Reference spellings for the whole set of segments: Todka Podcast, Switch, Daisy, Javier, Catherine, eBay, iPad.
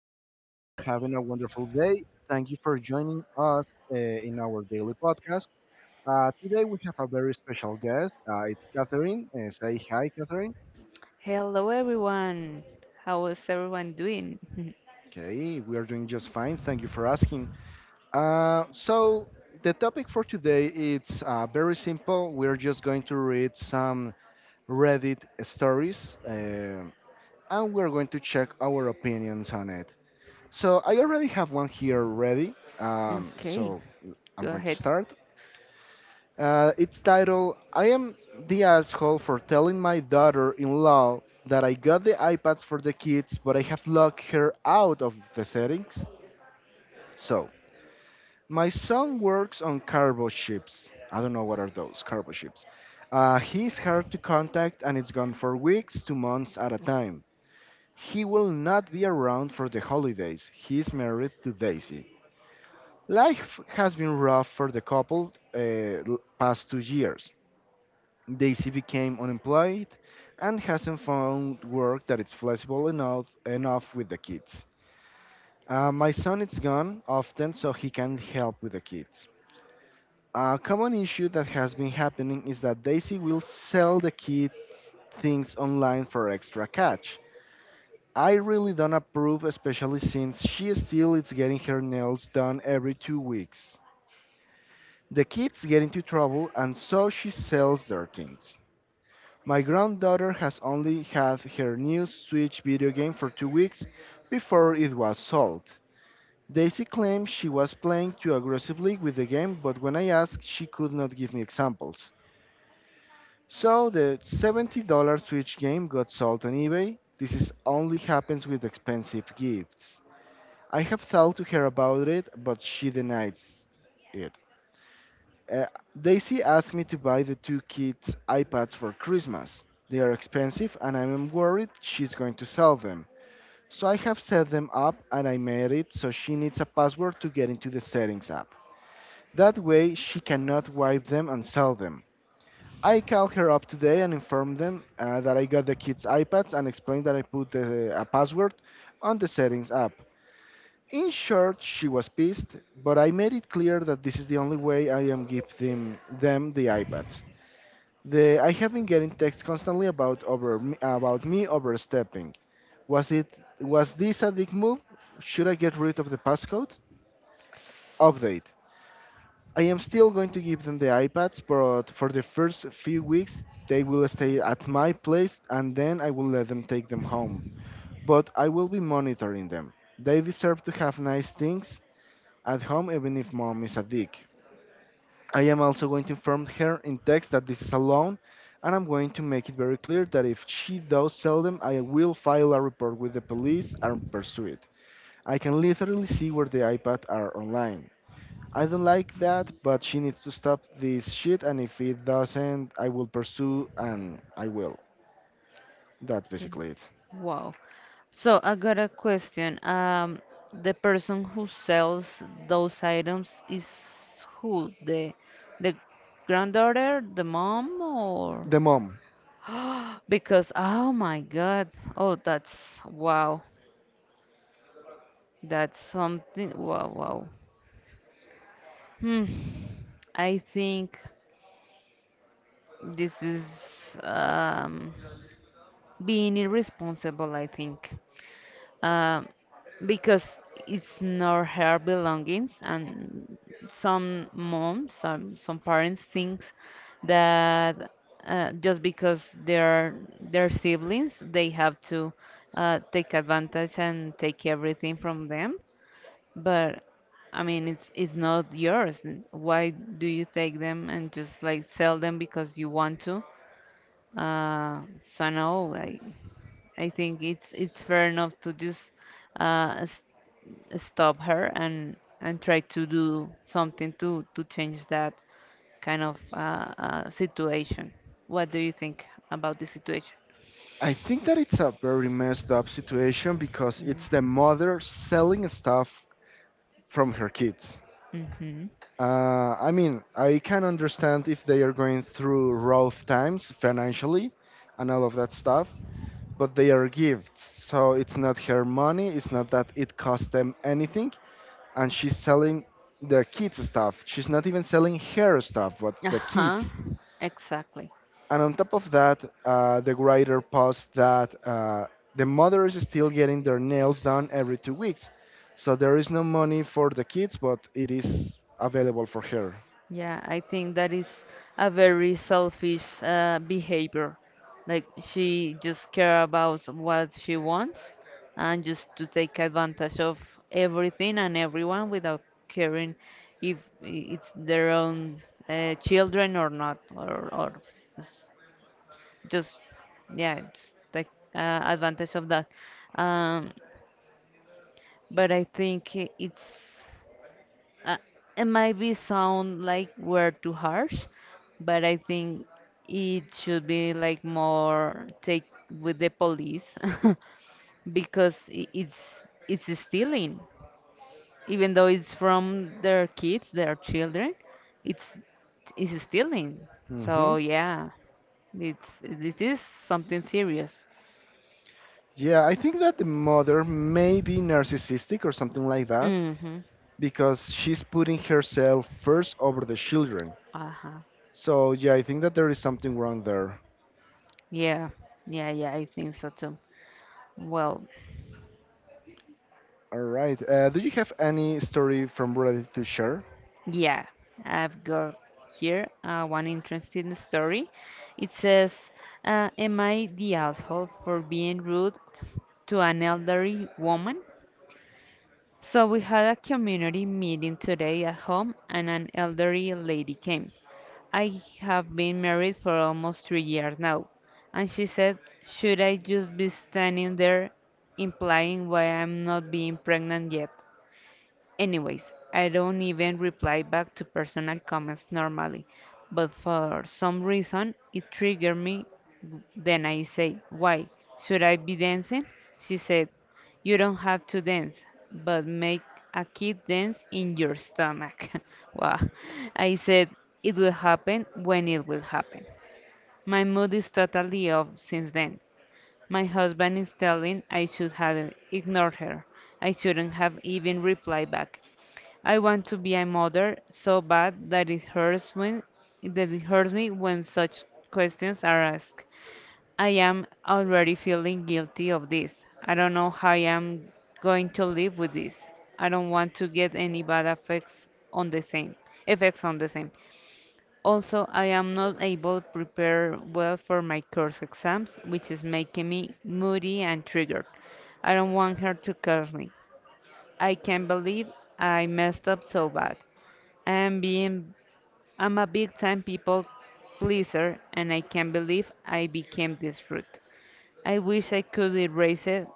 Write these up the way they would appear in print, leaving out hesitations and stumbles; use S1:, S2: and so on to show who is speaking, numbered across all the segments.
S1: I hope that you're having a wonderful day. Thank you for joining us in our daily podcast. Today, we have a very special guest. It's Catherine. Say hi, Catherine.
S2: Hello everyone. How is everyone doing?
S1: Okay, we are doing just fine. Thank you for asking. Uh, so, the topic for today it's very simple. We're just going to read some Reddit stories, and we're going to check our opinions on it. So I already have one here ready.
S2: Okay,
S1: I'm
S2: go
S1: going to
S2: ahead.
S1: start. It's titled "I Am the Asshole for Telling My Daughter in Law that I got the iPads for the kids, but I have locked her out of the settings." So, my son works on cargo ships. I don't know what are those cargo ships. He's hard to contact and it's gone for weeks to months at a time. He will not be around for the holidays. He's married to Daisy. Life has been rough for the couple past 2 years. Daisy became unemployed and hasn't found work that is flexible enough with the kids. My son is gone often, so he can help with the kids. A common issue that has been happening is that Daisy will sell the kids things online for extra cash. I really don't approve, especially since she still is getting her nails done every 2 weeks. The kids get into trouble and so she sells their things. My granddaughter has only had her new Switch video game for 2 weeks before it was sold. Daisy claimed she was playing too aggressively with the game, but when I asked, she could not give me examples. So the $70 Switch game got sold on eBay. This is only happens with expensive gifts. I have talked to her about it, but she denies it. Uh, Daisy asked me to buy the two kids iPads for Christmas. They are expensive and I'm worried she's going to sell them. So I have set them up and I made it so she needs a password to get into the settings app. That way she cannot wipe them and sell them. I called her up today and informed them that I got the kids iPads and explained that I put a password on the settings app. In short, she was pissed, but I made it clear that this is the only way I am giving them the iPads. The I have been getting texts constantly about about me overstepping. Was it was this a dick move? Should I get rid of the passcode? Update. I am still going to give them the iPads, but for the first few weeks they will stay at my place and then I will let them take them home. But I will be monitoring them. They deserve to have nice things at home even if mom is a dick. I am also going to inform her in text that this is a loan, and I'm going to make it very clear that if she does sell them, I will file a report with the police and pursue it. I can literally see where the iPad are online. I don't like that, but she needs to stop this shit, and if it doesn't, I will pursue and I will. That's basically it.
S2: Wow. So I got a question. The person who sells those items is who? The granddaughter, the mom, or?
S1: The mom.
S2: Because oh my God. Oh, that's wow. That's something. Wow, wow. Hmm. I think this is um. being irresponsible, I think. Um because it's not her belongings, and some moms, some parents think that just because they're their siblings, they have to take advantage and take everything from them. But I mean, it's not yours. Why do you take them and just like sell them because you want to? Uh, so no, like. I think it's fair enough to just uh, s- stop her and try to do something to change that kind of situation. What do you think about the situation?
S1: I think that it's a very messed up situation because it's the mother selling stuff from her kids.
S2: Mm-hmm.
S1: I mean, I can understand if they are going through rough times financially and all of that stuff, but they are gifts. So it's not her money, it's not that it cost them anything, and she's selling their kids' stuff. She's not even selling her stuff, but the
S2: Uh-huh.
S1: kids.
S2: Exactly.
S1: And on top of that, the writer posts that the mother is still getting their nails done every 2 weeks. So there is no money for the kids, but it is available for her.
S2: Yeah, I think that is a very selfish behavior. Like she just care about what she wants and just to take advantage of everything and everyone without caring if it's their own children or not, or s- just yeah, just take advantage of that. Um, but I think it's uh, it might be sound like we're too harsh, but I think it should be like more take with the police because it's stealing. Even though it's from their kids, their children, it's it's stealing.
S1: hmm
S2: So yeah, it's this is something serious.
S1: Yeah, I think that the mother may be narcissistic or something like that
S2: Mm-hmm.
S1: because she's putting herself first over the children.
S2: Uh-huh.
S1: So, yeah, I think that there is something wrong there.
S2: Yeah. Yeah, yeah, I think so too. Well,
S1: All right. Do you have any story from Reddit to share?
S2: yeah, I've got here one interesting story. It says, Am I the asshole for being rude to an elderly woman? So we had a community meeting today at home, and an elderly lady came. I have been married for almost 3 years now, and she said, should I just be standing there implying why I'm not being pregnant yet? Anyways, I don't even reply back to personal comments normally, but for some reason it triggered me. Then I say, why? Should I be dancing? She said, you don't have to dance, but make a kid dance in your stomach. Wow. I said, it will happen when it will happen. My mood is totally off since then. My husband is telling I should have ignored her. I shouldn't have even replied back. I want to be a mother so bad that it hurts when that it hurts me when such questions are asked. I am already feeling guilty of this. I don't know how I am going to live with this. I don't want to get any bad effects on the same effects on the same. Also, I am not able to prepare well for my course exams, which is making me moody and triggered. I don't want her to curse me. I can't believe I messed up so bad. I'm being I'm a big time people pleaser and I can't believe I became this rude. I wish I could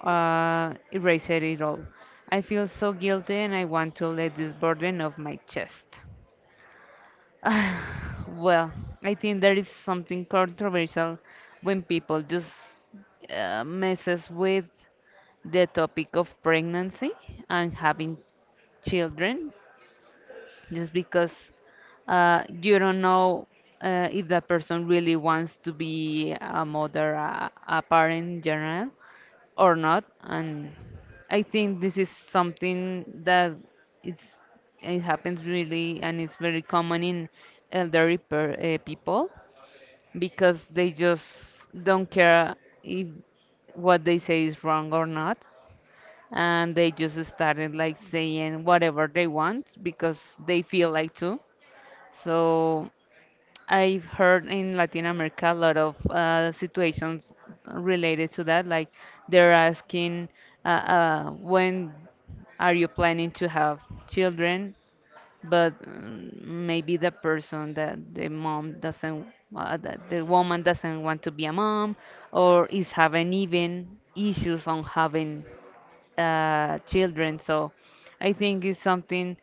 S2: erase it at all. I feel so guilty and I want to let this burden off my chest. Well, I think there is something controversial when people just messes with the topic of pregnancy and having children just because you don't know if that person really wants to be a mother, a parent in general, or not. And I think this is something that it's, it happens really and it's very common in people because they just don't care if what they say is wrong or not, and they just started like saying whatever they want because they feel like to. So I've heard in Latin America a lot of situations related to that. Like they're asking, when are you planning to have children? But mm, maybe the person that the mom doesn't the woman doesn't want to be a mom or is having even issues on having children. So I think it's something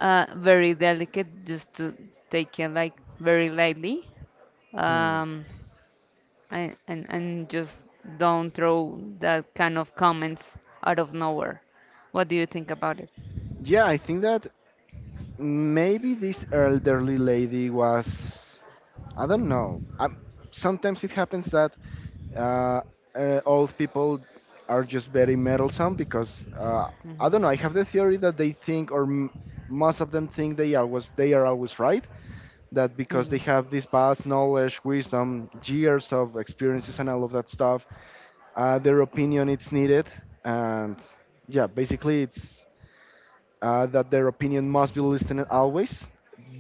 S2: very delicate just to take it like very lightly.
S1: Hmm.
S2: um, and, and just don't throw that kind of comments out of nowhere. What do you think about it?
S1: Yeah, I think that maybe this
S2: Mhm.
S1: elderly lady was, I don't know, sometimes it happens that uh, old people are just very meddlesome because I don't know, I have the theory that they most of them think they are always right, that because they
S2: Mhm.
S1: have this vast knowledge, wisdom, years of experiences and all of that stuff, their opinion is needed. And yeah, basically it's that their opinion must be listened always,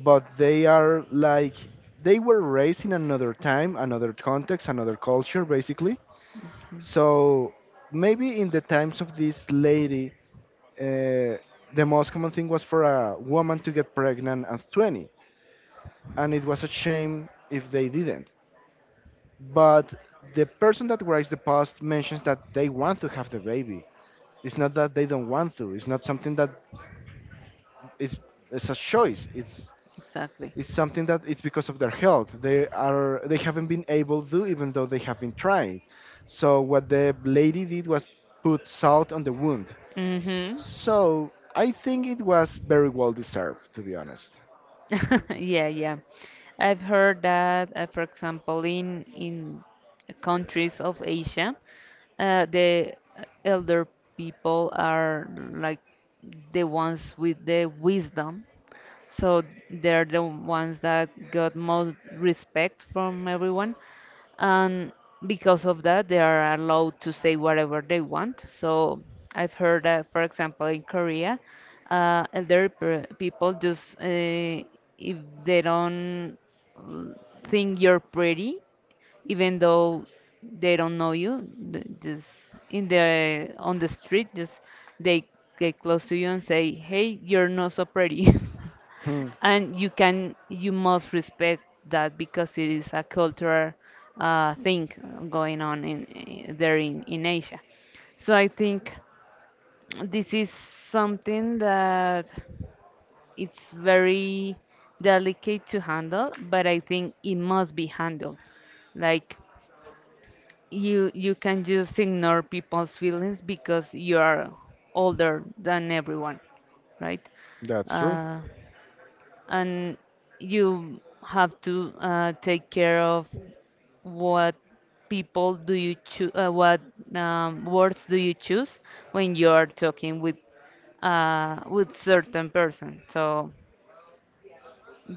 S1: but they are like, they were raised in another time, another context, another culture, basically. So maybe in the times of this lady, uh, the most common thing was for a woman to get pregnant at 20, and it was a shame if they didn't. But the person that writes the post mentions that they want to have the baby. It's not that they don't want to. It's not something that is it's a choice.
S2: Exactly.
S1: It's something that it's because of their health. They haven't been able to, even though they have been trying. So what the lady did was put salt on the wound.
S2: Mhm.
S1: So I think it was very well deserved, to be honest.
S2: Yeah, yeah. I've heard that, for example, in countries of Asia, the elder people are like the ones with the wisdom. So they're the ones that got most respect from everyone, and because of that they are allowed to say whatever they want. So I've heard that, for example, in Korea, elderly people just if they don't l- think you're pretty, even though they don't know you, just in the on the street, just they get close to you and say, hey, you're not so pretty.
S1: Hmm,
S2: And you can you must respect that because it is a cultural thing going on there in Asia. So I think this is something that it's very delicate to handle, but I think it must be handled like you can just ignore people's feelings because you are older than everyone, right?
S1: that's true.
S2: Uh, and you have to take care of what people do you choose, what words do you choose when you are talking with certain person. So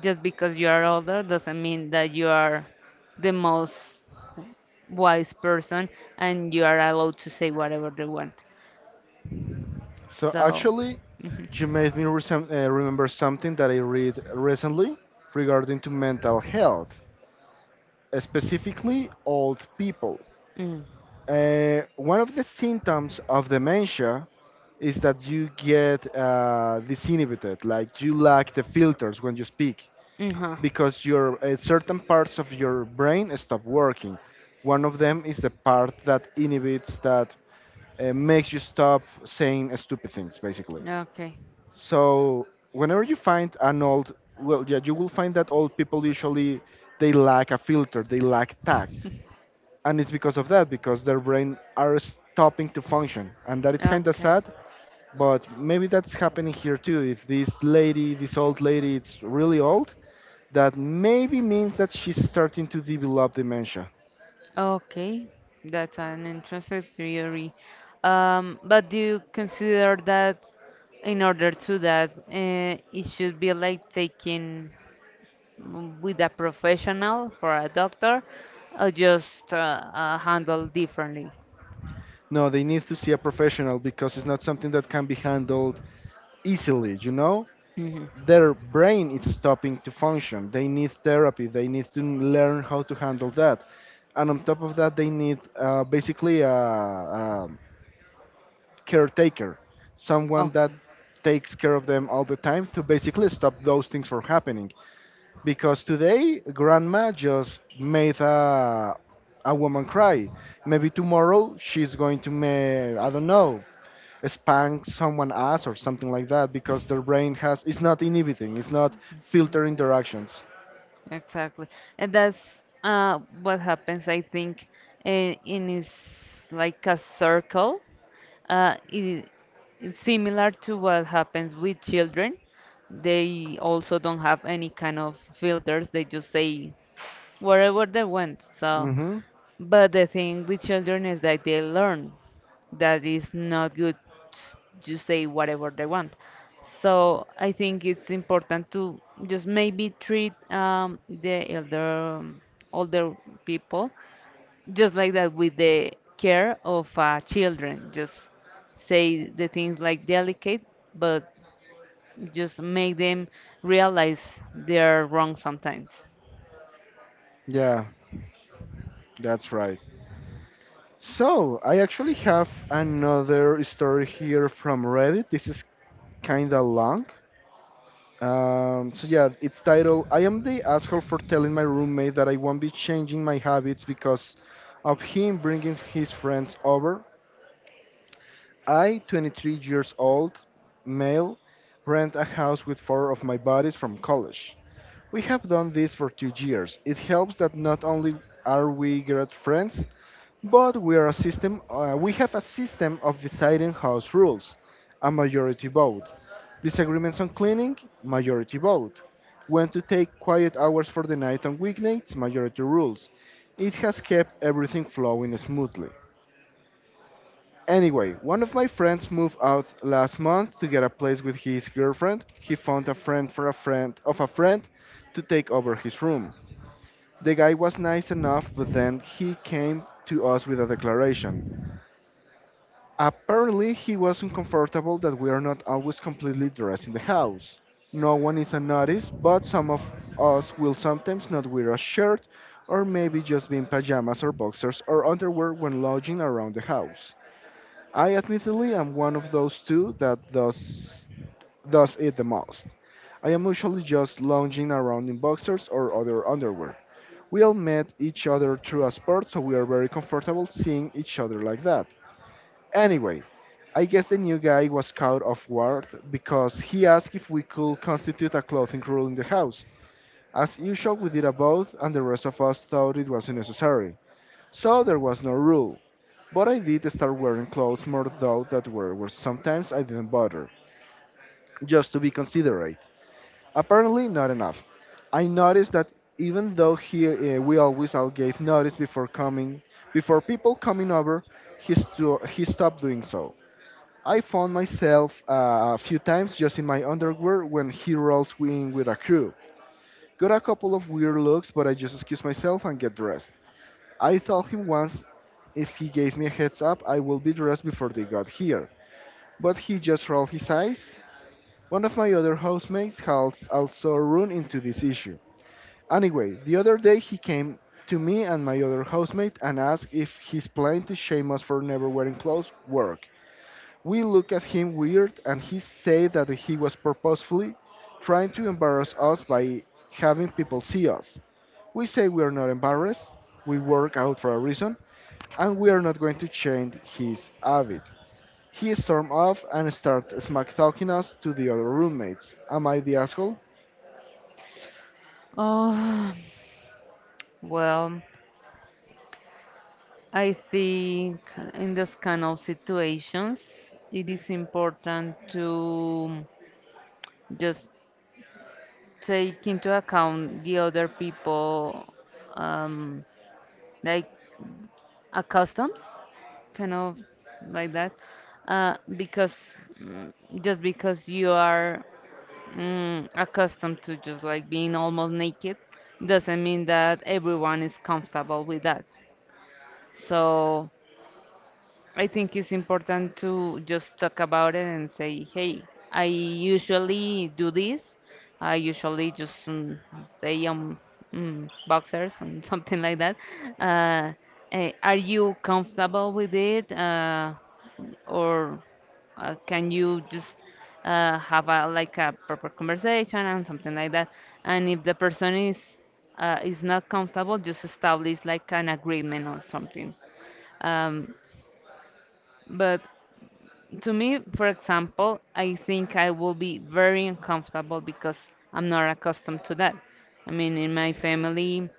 S2: just because you are older doesn't mean that you are the most wise person and you are allowed to say whatever they want.
S1: So
S2: So,
S1: actually, you
S2: mhm.
S1: made me remember something that I read recently regarding to mental health, specifically old people.
S2: mm
S1: One of the symptoms of dementia is that you get disinhibited, like you lack the filters when you speak
S2: uh-huh.
S1: because your certain parts of your brain stop working. One of them is the part that makes you stop saying stupid things, basically.
S2: Okay.
S1: So whenever you find an old, well, yeah, you will find that old people usually they lack a filter, they lack tact, and it's because of that, because their brain are stopping to function, and that is kind of
S2: Okay.
S1: sad, but maybe that's happening here too. If this lady, this old lady, it's really old, that maybe means that she's starting to develop dementia.
S2: Okay. That's an interesting theory. But do you consider that in order to that, it should be like taking mm, with a professional for a doctor, or just handled differently?
S1: No, they need to see a professional because it's not something that can be handled easily, you know?
S2: Hmm
S1: Their brain is stopping to function. They need therapy. They need to learn how to handle that. And on top of that, they need basically a caretaker, someone that
S2: Okay.
S1: takes care of them all the time to basically stop those things from happening. Because today grandma just made a woman cry. Maybe tomorrow she's going to make, I don't know, spank someone ass or something like that because their brain has, it's not inhibiting, it's not
S2: Mhm.
S1: filtering their actions.
S2: Exactly. And that's what happens, I think, in is like a circle. Uh, it, it's similar to what happens with children. They also don't have any kind of filters. They just say wherever they went. So
S1: Mm-hmm.
S2: but the thing with children is that they learn that it's not good s- to say whatever they want. So I think it's important to just maybe treat the elder older people just like that with the care of children. Just say the things like delicate, but just make them realize they're wrong sometimes.
S1: Yeah, that's right. So I actually have another story here from Reddit. This is kinda long. Yeah, it's titled "I am the asshole for telling my roommate that I won't be changing my habits because of him bringing his friends over." I, 23 years old, male, rent a house with four of my buddies from college. We have done this for 2 years. It helps that not only are we great friends, but we are a system. We have a system of deciding house rules, a majority vote. Disagreements on cleaning, majority vote. When to take quiet hours for the night on weeknights, majority rules. It has kept everything flowing smoothly. Anyway, one of my friends moved out last month to get a place with his girlfriend. He found a friend for a friend of a friend to take over his room. The guy was nice enough, but then he came to us with a declaration. Apparently, he was uncomfortable that we are not always completely dressed in the house. No one is unnoticed, but some of us will sometimes not wear a shirt or maybe just be in pajamas or boxers or underwear when lounging around the house. I admittedly am one of those two that does it the most. I am usually just lounging around in boxers or other underwear. We all met each other through a sport, so we are very comfortable seeing each other like that. Anyway, I guess the new guy was caught off guard because he asked if we could constitute a clothing rule in the house. As usual, we did a vote, and the rest of us thought it wasn't necessary. So there was no rule. But I did start wearing clothes more, though that were sometimes I didn't bother, just to be considerate. Apparently, not enough. I noticed that even though we always all gave notice before coming, before people coming over, he stopped doing so. I found myself a few times just in my underwear when he rolls in with a crew. Got a couple of weird looks, but I just excuse myself and get dressed. I told him once if he gave me a heads up, I will be dressed before they got here, but he just rolled his eyes. One of my other housemates has also run into this issue. Anyway, the other day he came to me and my other housemate and asked if his plan to shame us for never wearing clothes worked. We looked at him weird, and he said that he was purposefully trying to embarrass us by having people see us. We say we are not embarrassed, we work out for a reason, and we are not going to change his habit. He stormed off and started smack talking us to the other roommates. Am I the asshole?
S2: Oh, well. I think in this kind of situations, it is important to just take into account the other people, um, like customs, kind of like that, because mm, just because you are mm, accustomed to just like being almost naked, doesn't mean that everyone is comfortable with that. So I think it's important to just talk about it and say, hey, I usually do this. I usually just stay on mm, boxers and something like that. Uh, are you comfortable with it? Or can you just have a, like a proper conversation and something like that? And if the person is not comfortable, just establish like an agreement or something. Um, but to me, for example, I think I will be very uncomfortable because I'm not accustomed to that. I mean, in my family,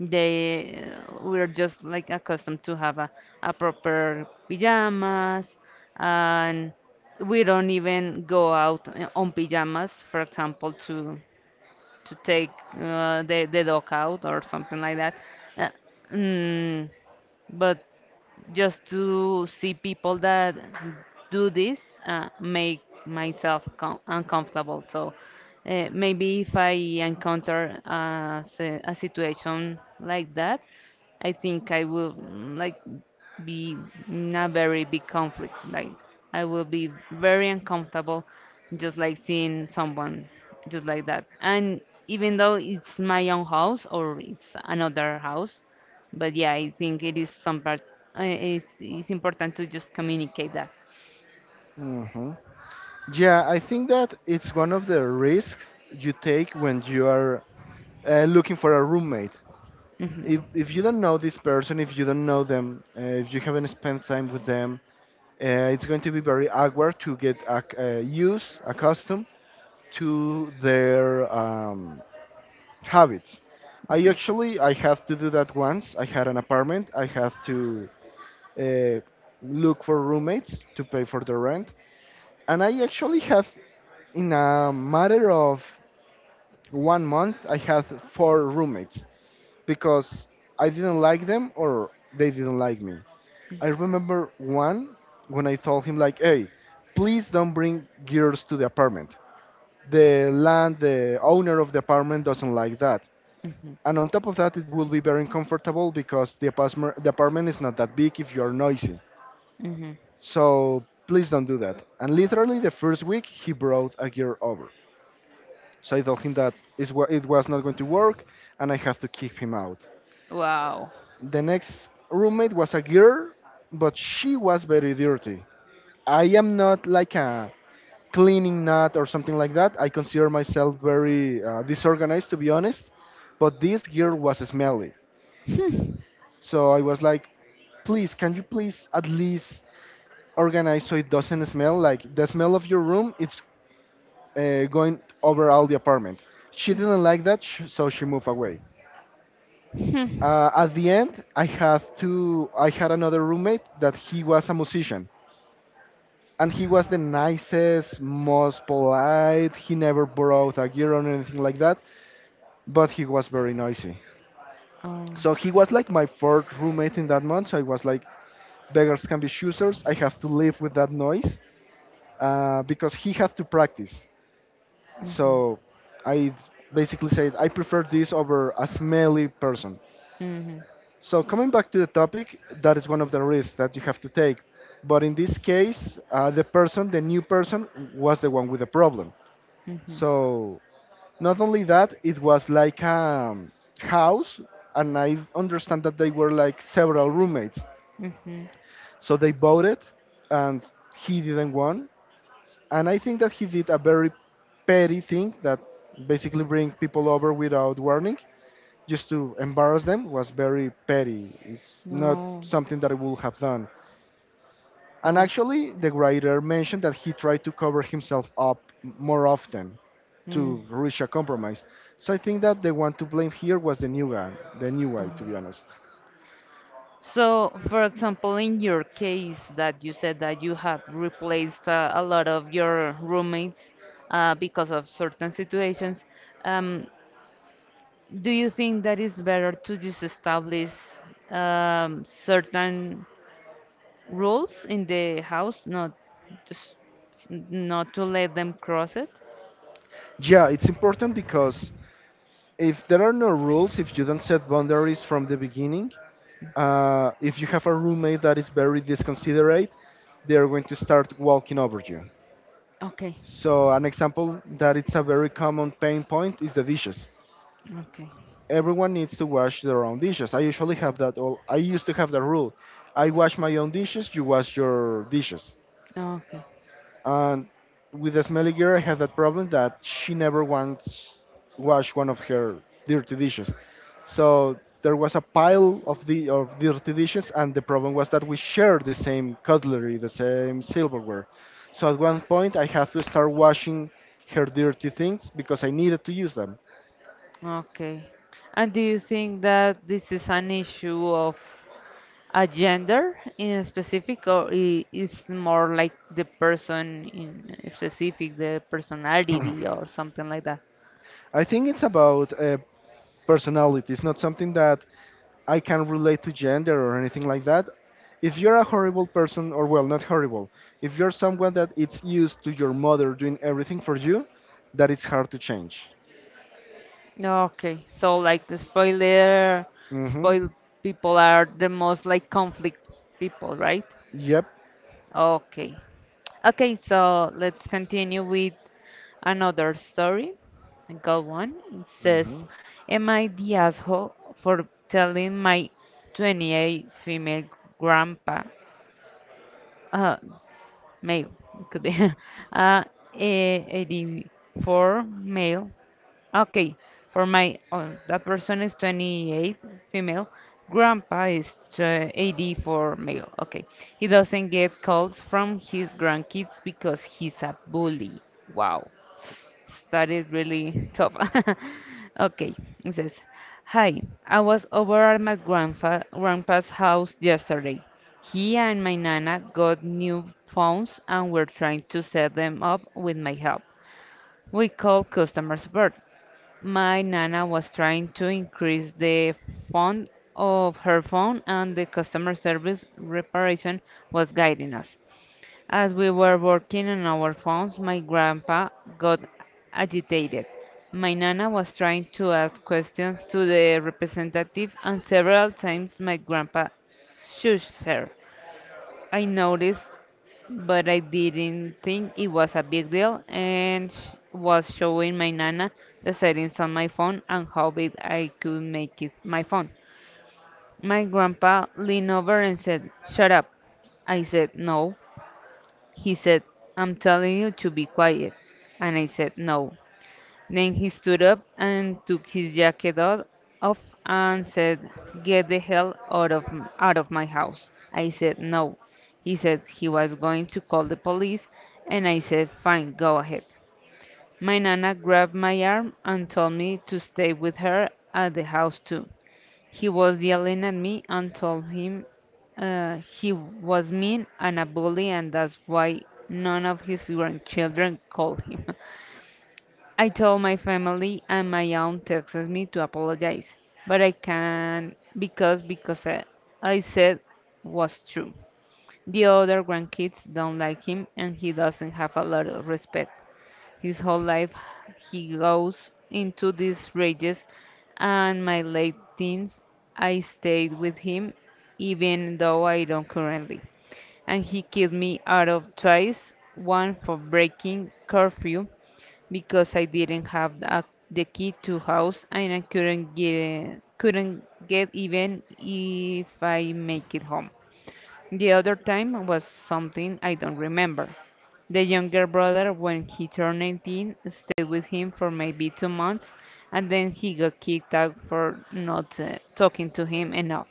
S2: they we're just like accustomed to have a proper pajamas, and we don't even go out on pajamas, for example, to take the dog out or something like that. Uh, mm, but just to see people that do this make myself uncomfortable. So maybe if I encounter a situation like that, I think I will mm, like be not very big conflict. Like I will be very uncomfortable just like seeing someone just like that. And even though it's my own house or it's another house, but yeah, I think it is some part. It's important to just communicate that.
S1: Hmm. Yeah, I think that it's one of the risks you take when you are looking for a roommate. if,
S2: Hmm
S1: if you don't know this person, if you don't know them, if you haven't spent time with them, uh, it's going to be very awkward to get accustomed to their habits. I actually I had to do that once. I had an apartment. I had to uh, look for roommates to pay for the rent, and I actually have, in a matter of one month, I had four roommates because I didn't like them or they didn't like me. I remember one when I told him like, "Hey, please don't bring girls to the apartment. The owner of the apartment doesn't like that."
S2: hmm
S1: And on top of that, it will be very uncomfortable because the apartment is not that big if you are noisy.
S2: hmm
S1: So please don't do that. And literally the first week, he brought a girl over. So I told him that it was not going to work, and I have to kick him out.
S2: Wow.
S1: The next roommate was a girl, but she was very dirty. I am not like a cleaning nut or something like that. I consider myself very disorganized, to be honest. But this girl was smelly. So I was like, please, can you please at least organize so it doesn't smell? Like the smell of your room, it's going over all the apartment. She didn't like that, so she moved away.
S2: Hmm. Hmm.
S1: At the end, I had to. I had another roommate that he was a musician and he was the nicest, most polite. He never brought a gear or anything like that, but he was very noisy. So
S2: Oh.
S1: he was like my fourth roommate in that month. So I was like, beggars can be choosers. I have to live with that noise because he had to practice. So I basically said, I prefer this over a smelly person.
S2: Mhm.
S1: So coming back to the topic, that is one of the risks that you have to take. But in this case, the person, the new person, was the one with the problem.
S2: Mhm. Mhm.
S1: So not only that, it was like a house, and I understand that they were like several roommates.
S2: Mhm.
S1: So they voted, and he didn't won. And I think that he did a very petty thing that basically bring people over without warning, just to embarrass them, was very petty. It's not
S2: No.
S1: something that I would have done. And
S2: Oh.
S1: actually, the writer mentioned that he tried to cover himself up more often
S2: Mm.
S1: to reach a compromise. So I think that the one to blame here was the new guy, to be
S2: Oh.
S1: honest.
S2: So, for example, in your case that you said that you have replaced a lot of your roommates because of certain situations, um, do you think that it's better to just establish certain rules in the house, not just not to let them cross it?
S1: Yeah, it's important because if there are no rules, if you don't set boundaries from the beginning, if you have a roommate that is very disconsiderate, they are going to start walking over you.
S2: Okay,
S1: So an example that it's a very common pain point is the dishes.
S2: okay,
S1: Everyone needs to wash their own dishes. I usually have that. All I used to have that rule. I wash my own dishes. You wash your dishes.
S2: okay,
S1: And with the smelly girl, I had that problem that she never once washed one of her dirty dishes. So there was a pile of the of dirty dishes, and the problem was that we shared the same cutlery, the same silverware. So at one point, I had to start washing her dirty things because I needed to use them.
S2: okay. And do you think that this is an issue of a gender in specific, or it's more like the person in specific, the personality or something like that?
S1: I think it's about personality. It's not something that I can relate to gender or anything like that. If you're a horrible person, or well, not horrible, if you're someone that it's used to your mother doing everything for you, that it's hard to change.
S2: Okay, so like the spoiler
S1: Mm-hmm.
S2: spoil people are the most like conflict people, right?
S1: Yep.
S2: Okay. Okay, so let's continue with another story and go on. It says,
S1: Mm-hmm.
S2: am I the asshole for telling my 28 female grandpa uh, male it could be uh, eh, 84 male okay for my oh, that person is 28 female, grandpa is 84 male okay he doesn't get calls from his grandkids because he's a bully. Wow. Studies really tough. Okay, it says, Hi, I was over at my grandfa grandpa's house yesterday. He and my nana got new phones and were trying to set them up with my help. We called customer support. My nana was trying to increase the font of her phone and the customer service reparation was guiding us. As we were working on our phones, my grandpa got agitated. My nana was trying to ask questions to the representative, and several times my grandpa shushed her. I noticed, but I didn't think it was a big deal, and was showing my nana the settings on my phone and how big I could make it my phone. My grandpa leaned over and said, "Shut up." I said no, he said, "I'm telling you to be quiet." And I said, no. Then he stood up and took his jacket off and said, "get the hell out out of my house." I said, no. He said he was going to call the police, and I said, fine, go ahead. My nana grabbed my arm and told me to stay with her at the house too. He was yelling at me and told him he was mean and a bully, and that's why none of his grandchildren call him. I told my family and my aunt texted me to apologize, but I can't because I said was true. The other grandkids don't like him, and he doesn't have a lot of respect. His whole life he goes into these rages, and my late teens I stayed with him even though I don't currently. And he kicked me out of twice, one for breaking curfew because I didn't have the key to house and I couldn't get even if I make it home. The other time was something I don't remember. The younger brother, when he turned 18, stayed with him for maybe 2 months and then he got kicked out for not talking to him enough.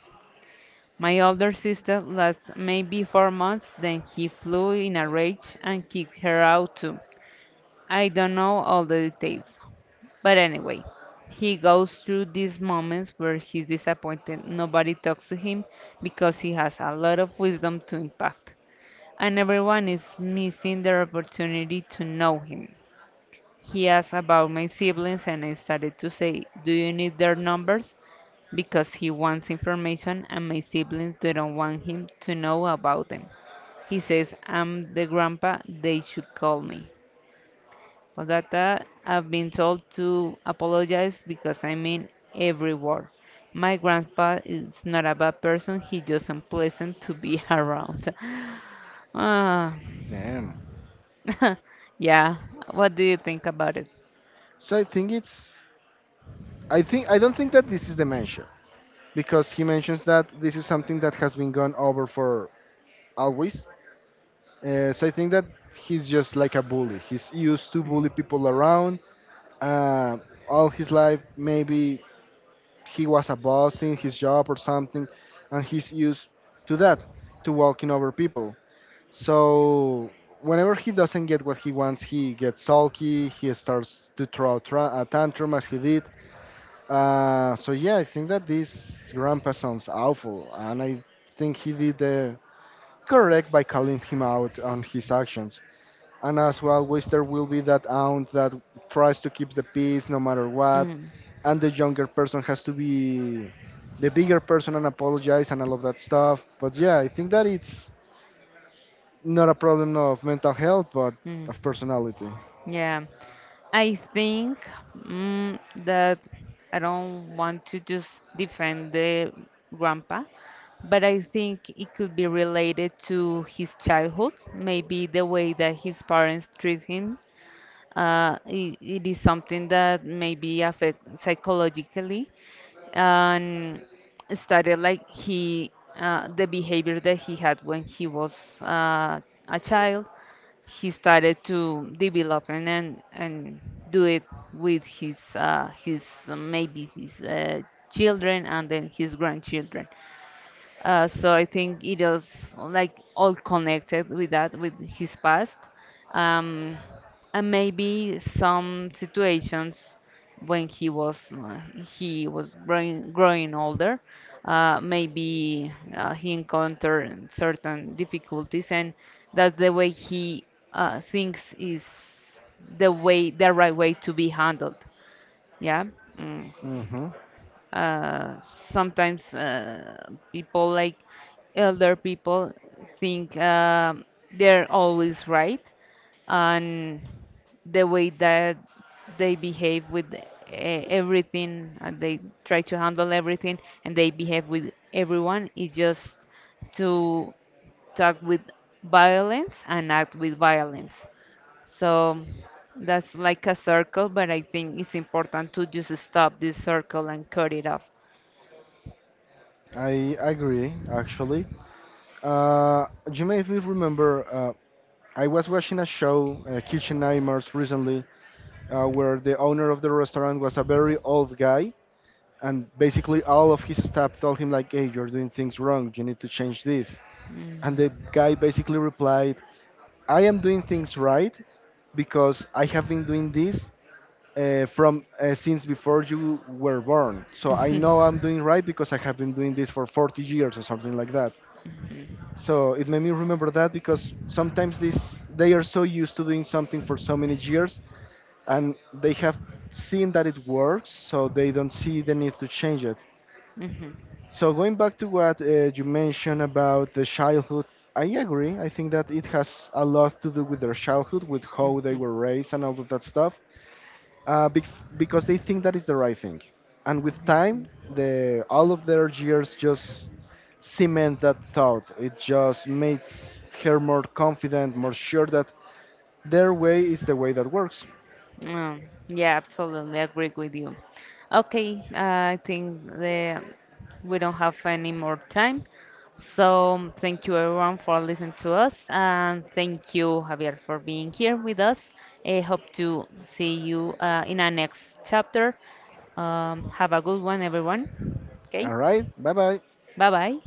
S2: My older sister lasted maybe 4 months, then he flew in a rage and kicked her out too. I don't know all the details. But anyway, he goes through these moments where he's disappointed nobody talks to him because he has a lot of wisdom to impart and everyone is missing their opportunity to know him. He asked about my siblings, and I started to say, "Do you need their numbers?" Because he wants information, and my siblings don't want him to know about them. He says, "I'm the grandpa, they should call me." For that, I've been told to apologize because I mean every word. My grandpa is not a bad person, he's just unpleasant to be around. Ah,
S1: Damn.
S2: yeah. What do you think about it?
S1: So I think it's. I think I don't think that this is dementia because he mentions that this is something that has been gone over for always. So I think that he's just like a bully. He's used to bully people around uh, all his life. Maybe he was a boss in his job or something, and he's used to that, to walking over people. So whenever he doesn't get what he wants, he gets sulky. He starts to throw a tantrum as he did. So yeah, I think that this grandpa sounds awful, and I think he did the correct by calling him out on his actions, and as well, always there will be that aunt that tries to keep the peace no matter what,
S2: Mm,
S1: and the younger person has to be the bigger person and apologize and all of that stuff. But yeah, I think that it's not a problem of mental health but
S2: mm,
S1: of personality.
S2: yeah. I think mm, that I don't want to just defend the grandpa, but I think it could be related to his childhood, maybe the way that his parents treat him. It is something that maybe affect psychologically and started like he the behavior that he had when he was uh, a child he started to develop and do it with his maybe his children and then his grandchildren, so I think it is like all connected with that, with his past, um, and maybe some situations when he was growing older. Maybe he encountered certain difficulties, and that's the way he thinks is the right way to be handled. Yeah. Mm
S1: Hmm.
S2: uh, sometimes people like elder people think they're always right and the way that they behave with everything and they try to handle everything and they behave with everyone is just to talk with violence and act with violence, so that's like a circle, but I think it's important to just stop this circle and cut it off.
S1: I agree, actually. uh, you may be remember, I was watching a show, Kitchen Nightmares, recently, where the owner of the restaurant was a very old guy, and basically all of his staff told him like, hey, you're doing things wrong, you need to change this. And the
S2: Mm.
S1: guy basically replied, I am doing things right because I have been doing this from since before you were born, so I know I'm doing right because I have been doing this for 40 years or something like that. So it made me remember that because sometimes this, they are so used to doing something for so many years, and they have seen that it works, so they don't see the need to change it.
S2: Mhm, mhm,
S1: So going back to what you mentioned about the childhood, I agree. I think that it has a lot to do with their childhood, with
S2: mhm,
S1: how they
S2: mhm.
S1: were raised and all of that stuff, because they think that is the right thing. And with time, the all of their years just cement that thought. It just makes her more confident, more sure that their way is the way that works.
S2: Um, yeah, absolutely agree with you. Okay, I think we don't have any more time. So thank you everyone for listening to us and thank you Javier for being here with us. I hope to see you in our next chapter. Have a good one everyone. Okay,
S1: All right, bye bye.
S2: bye bye.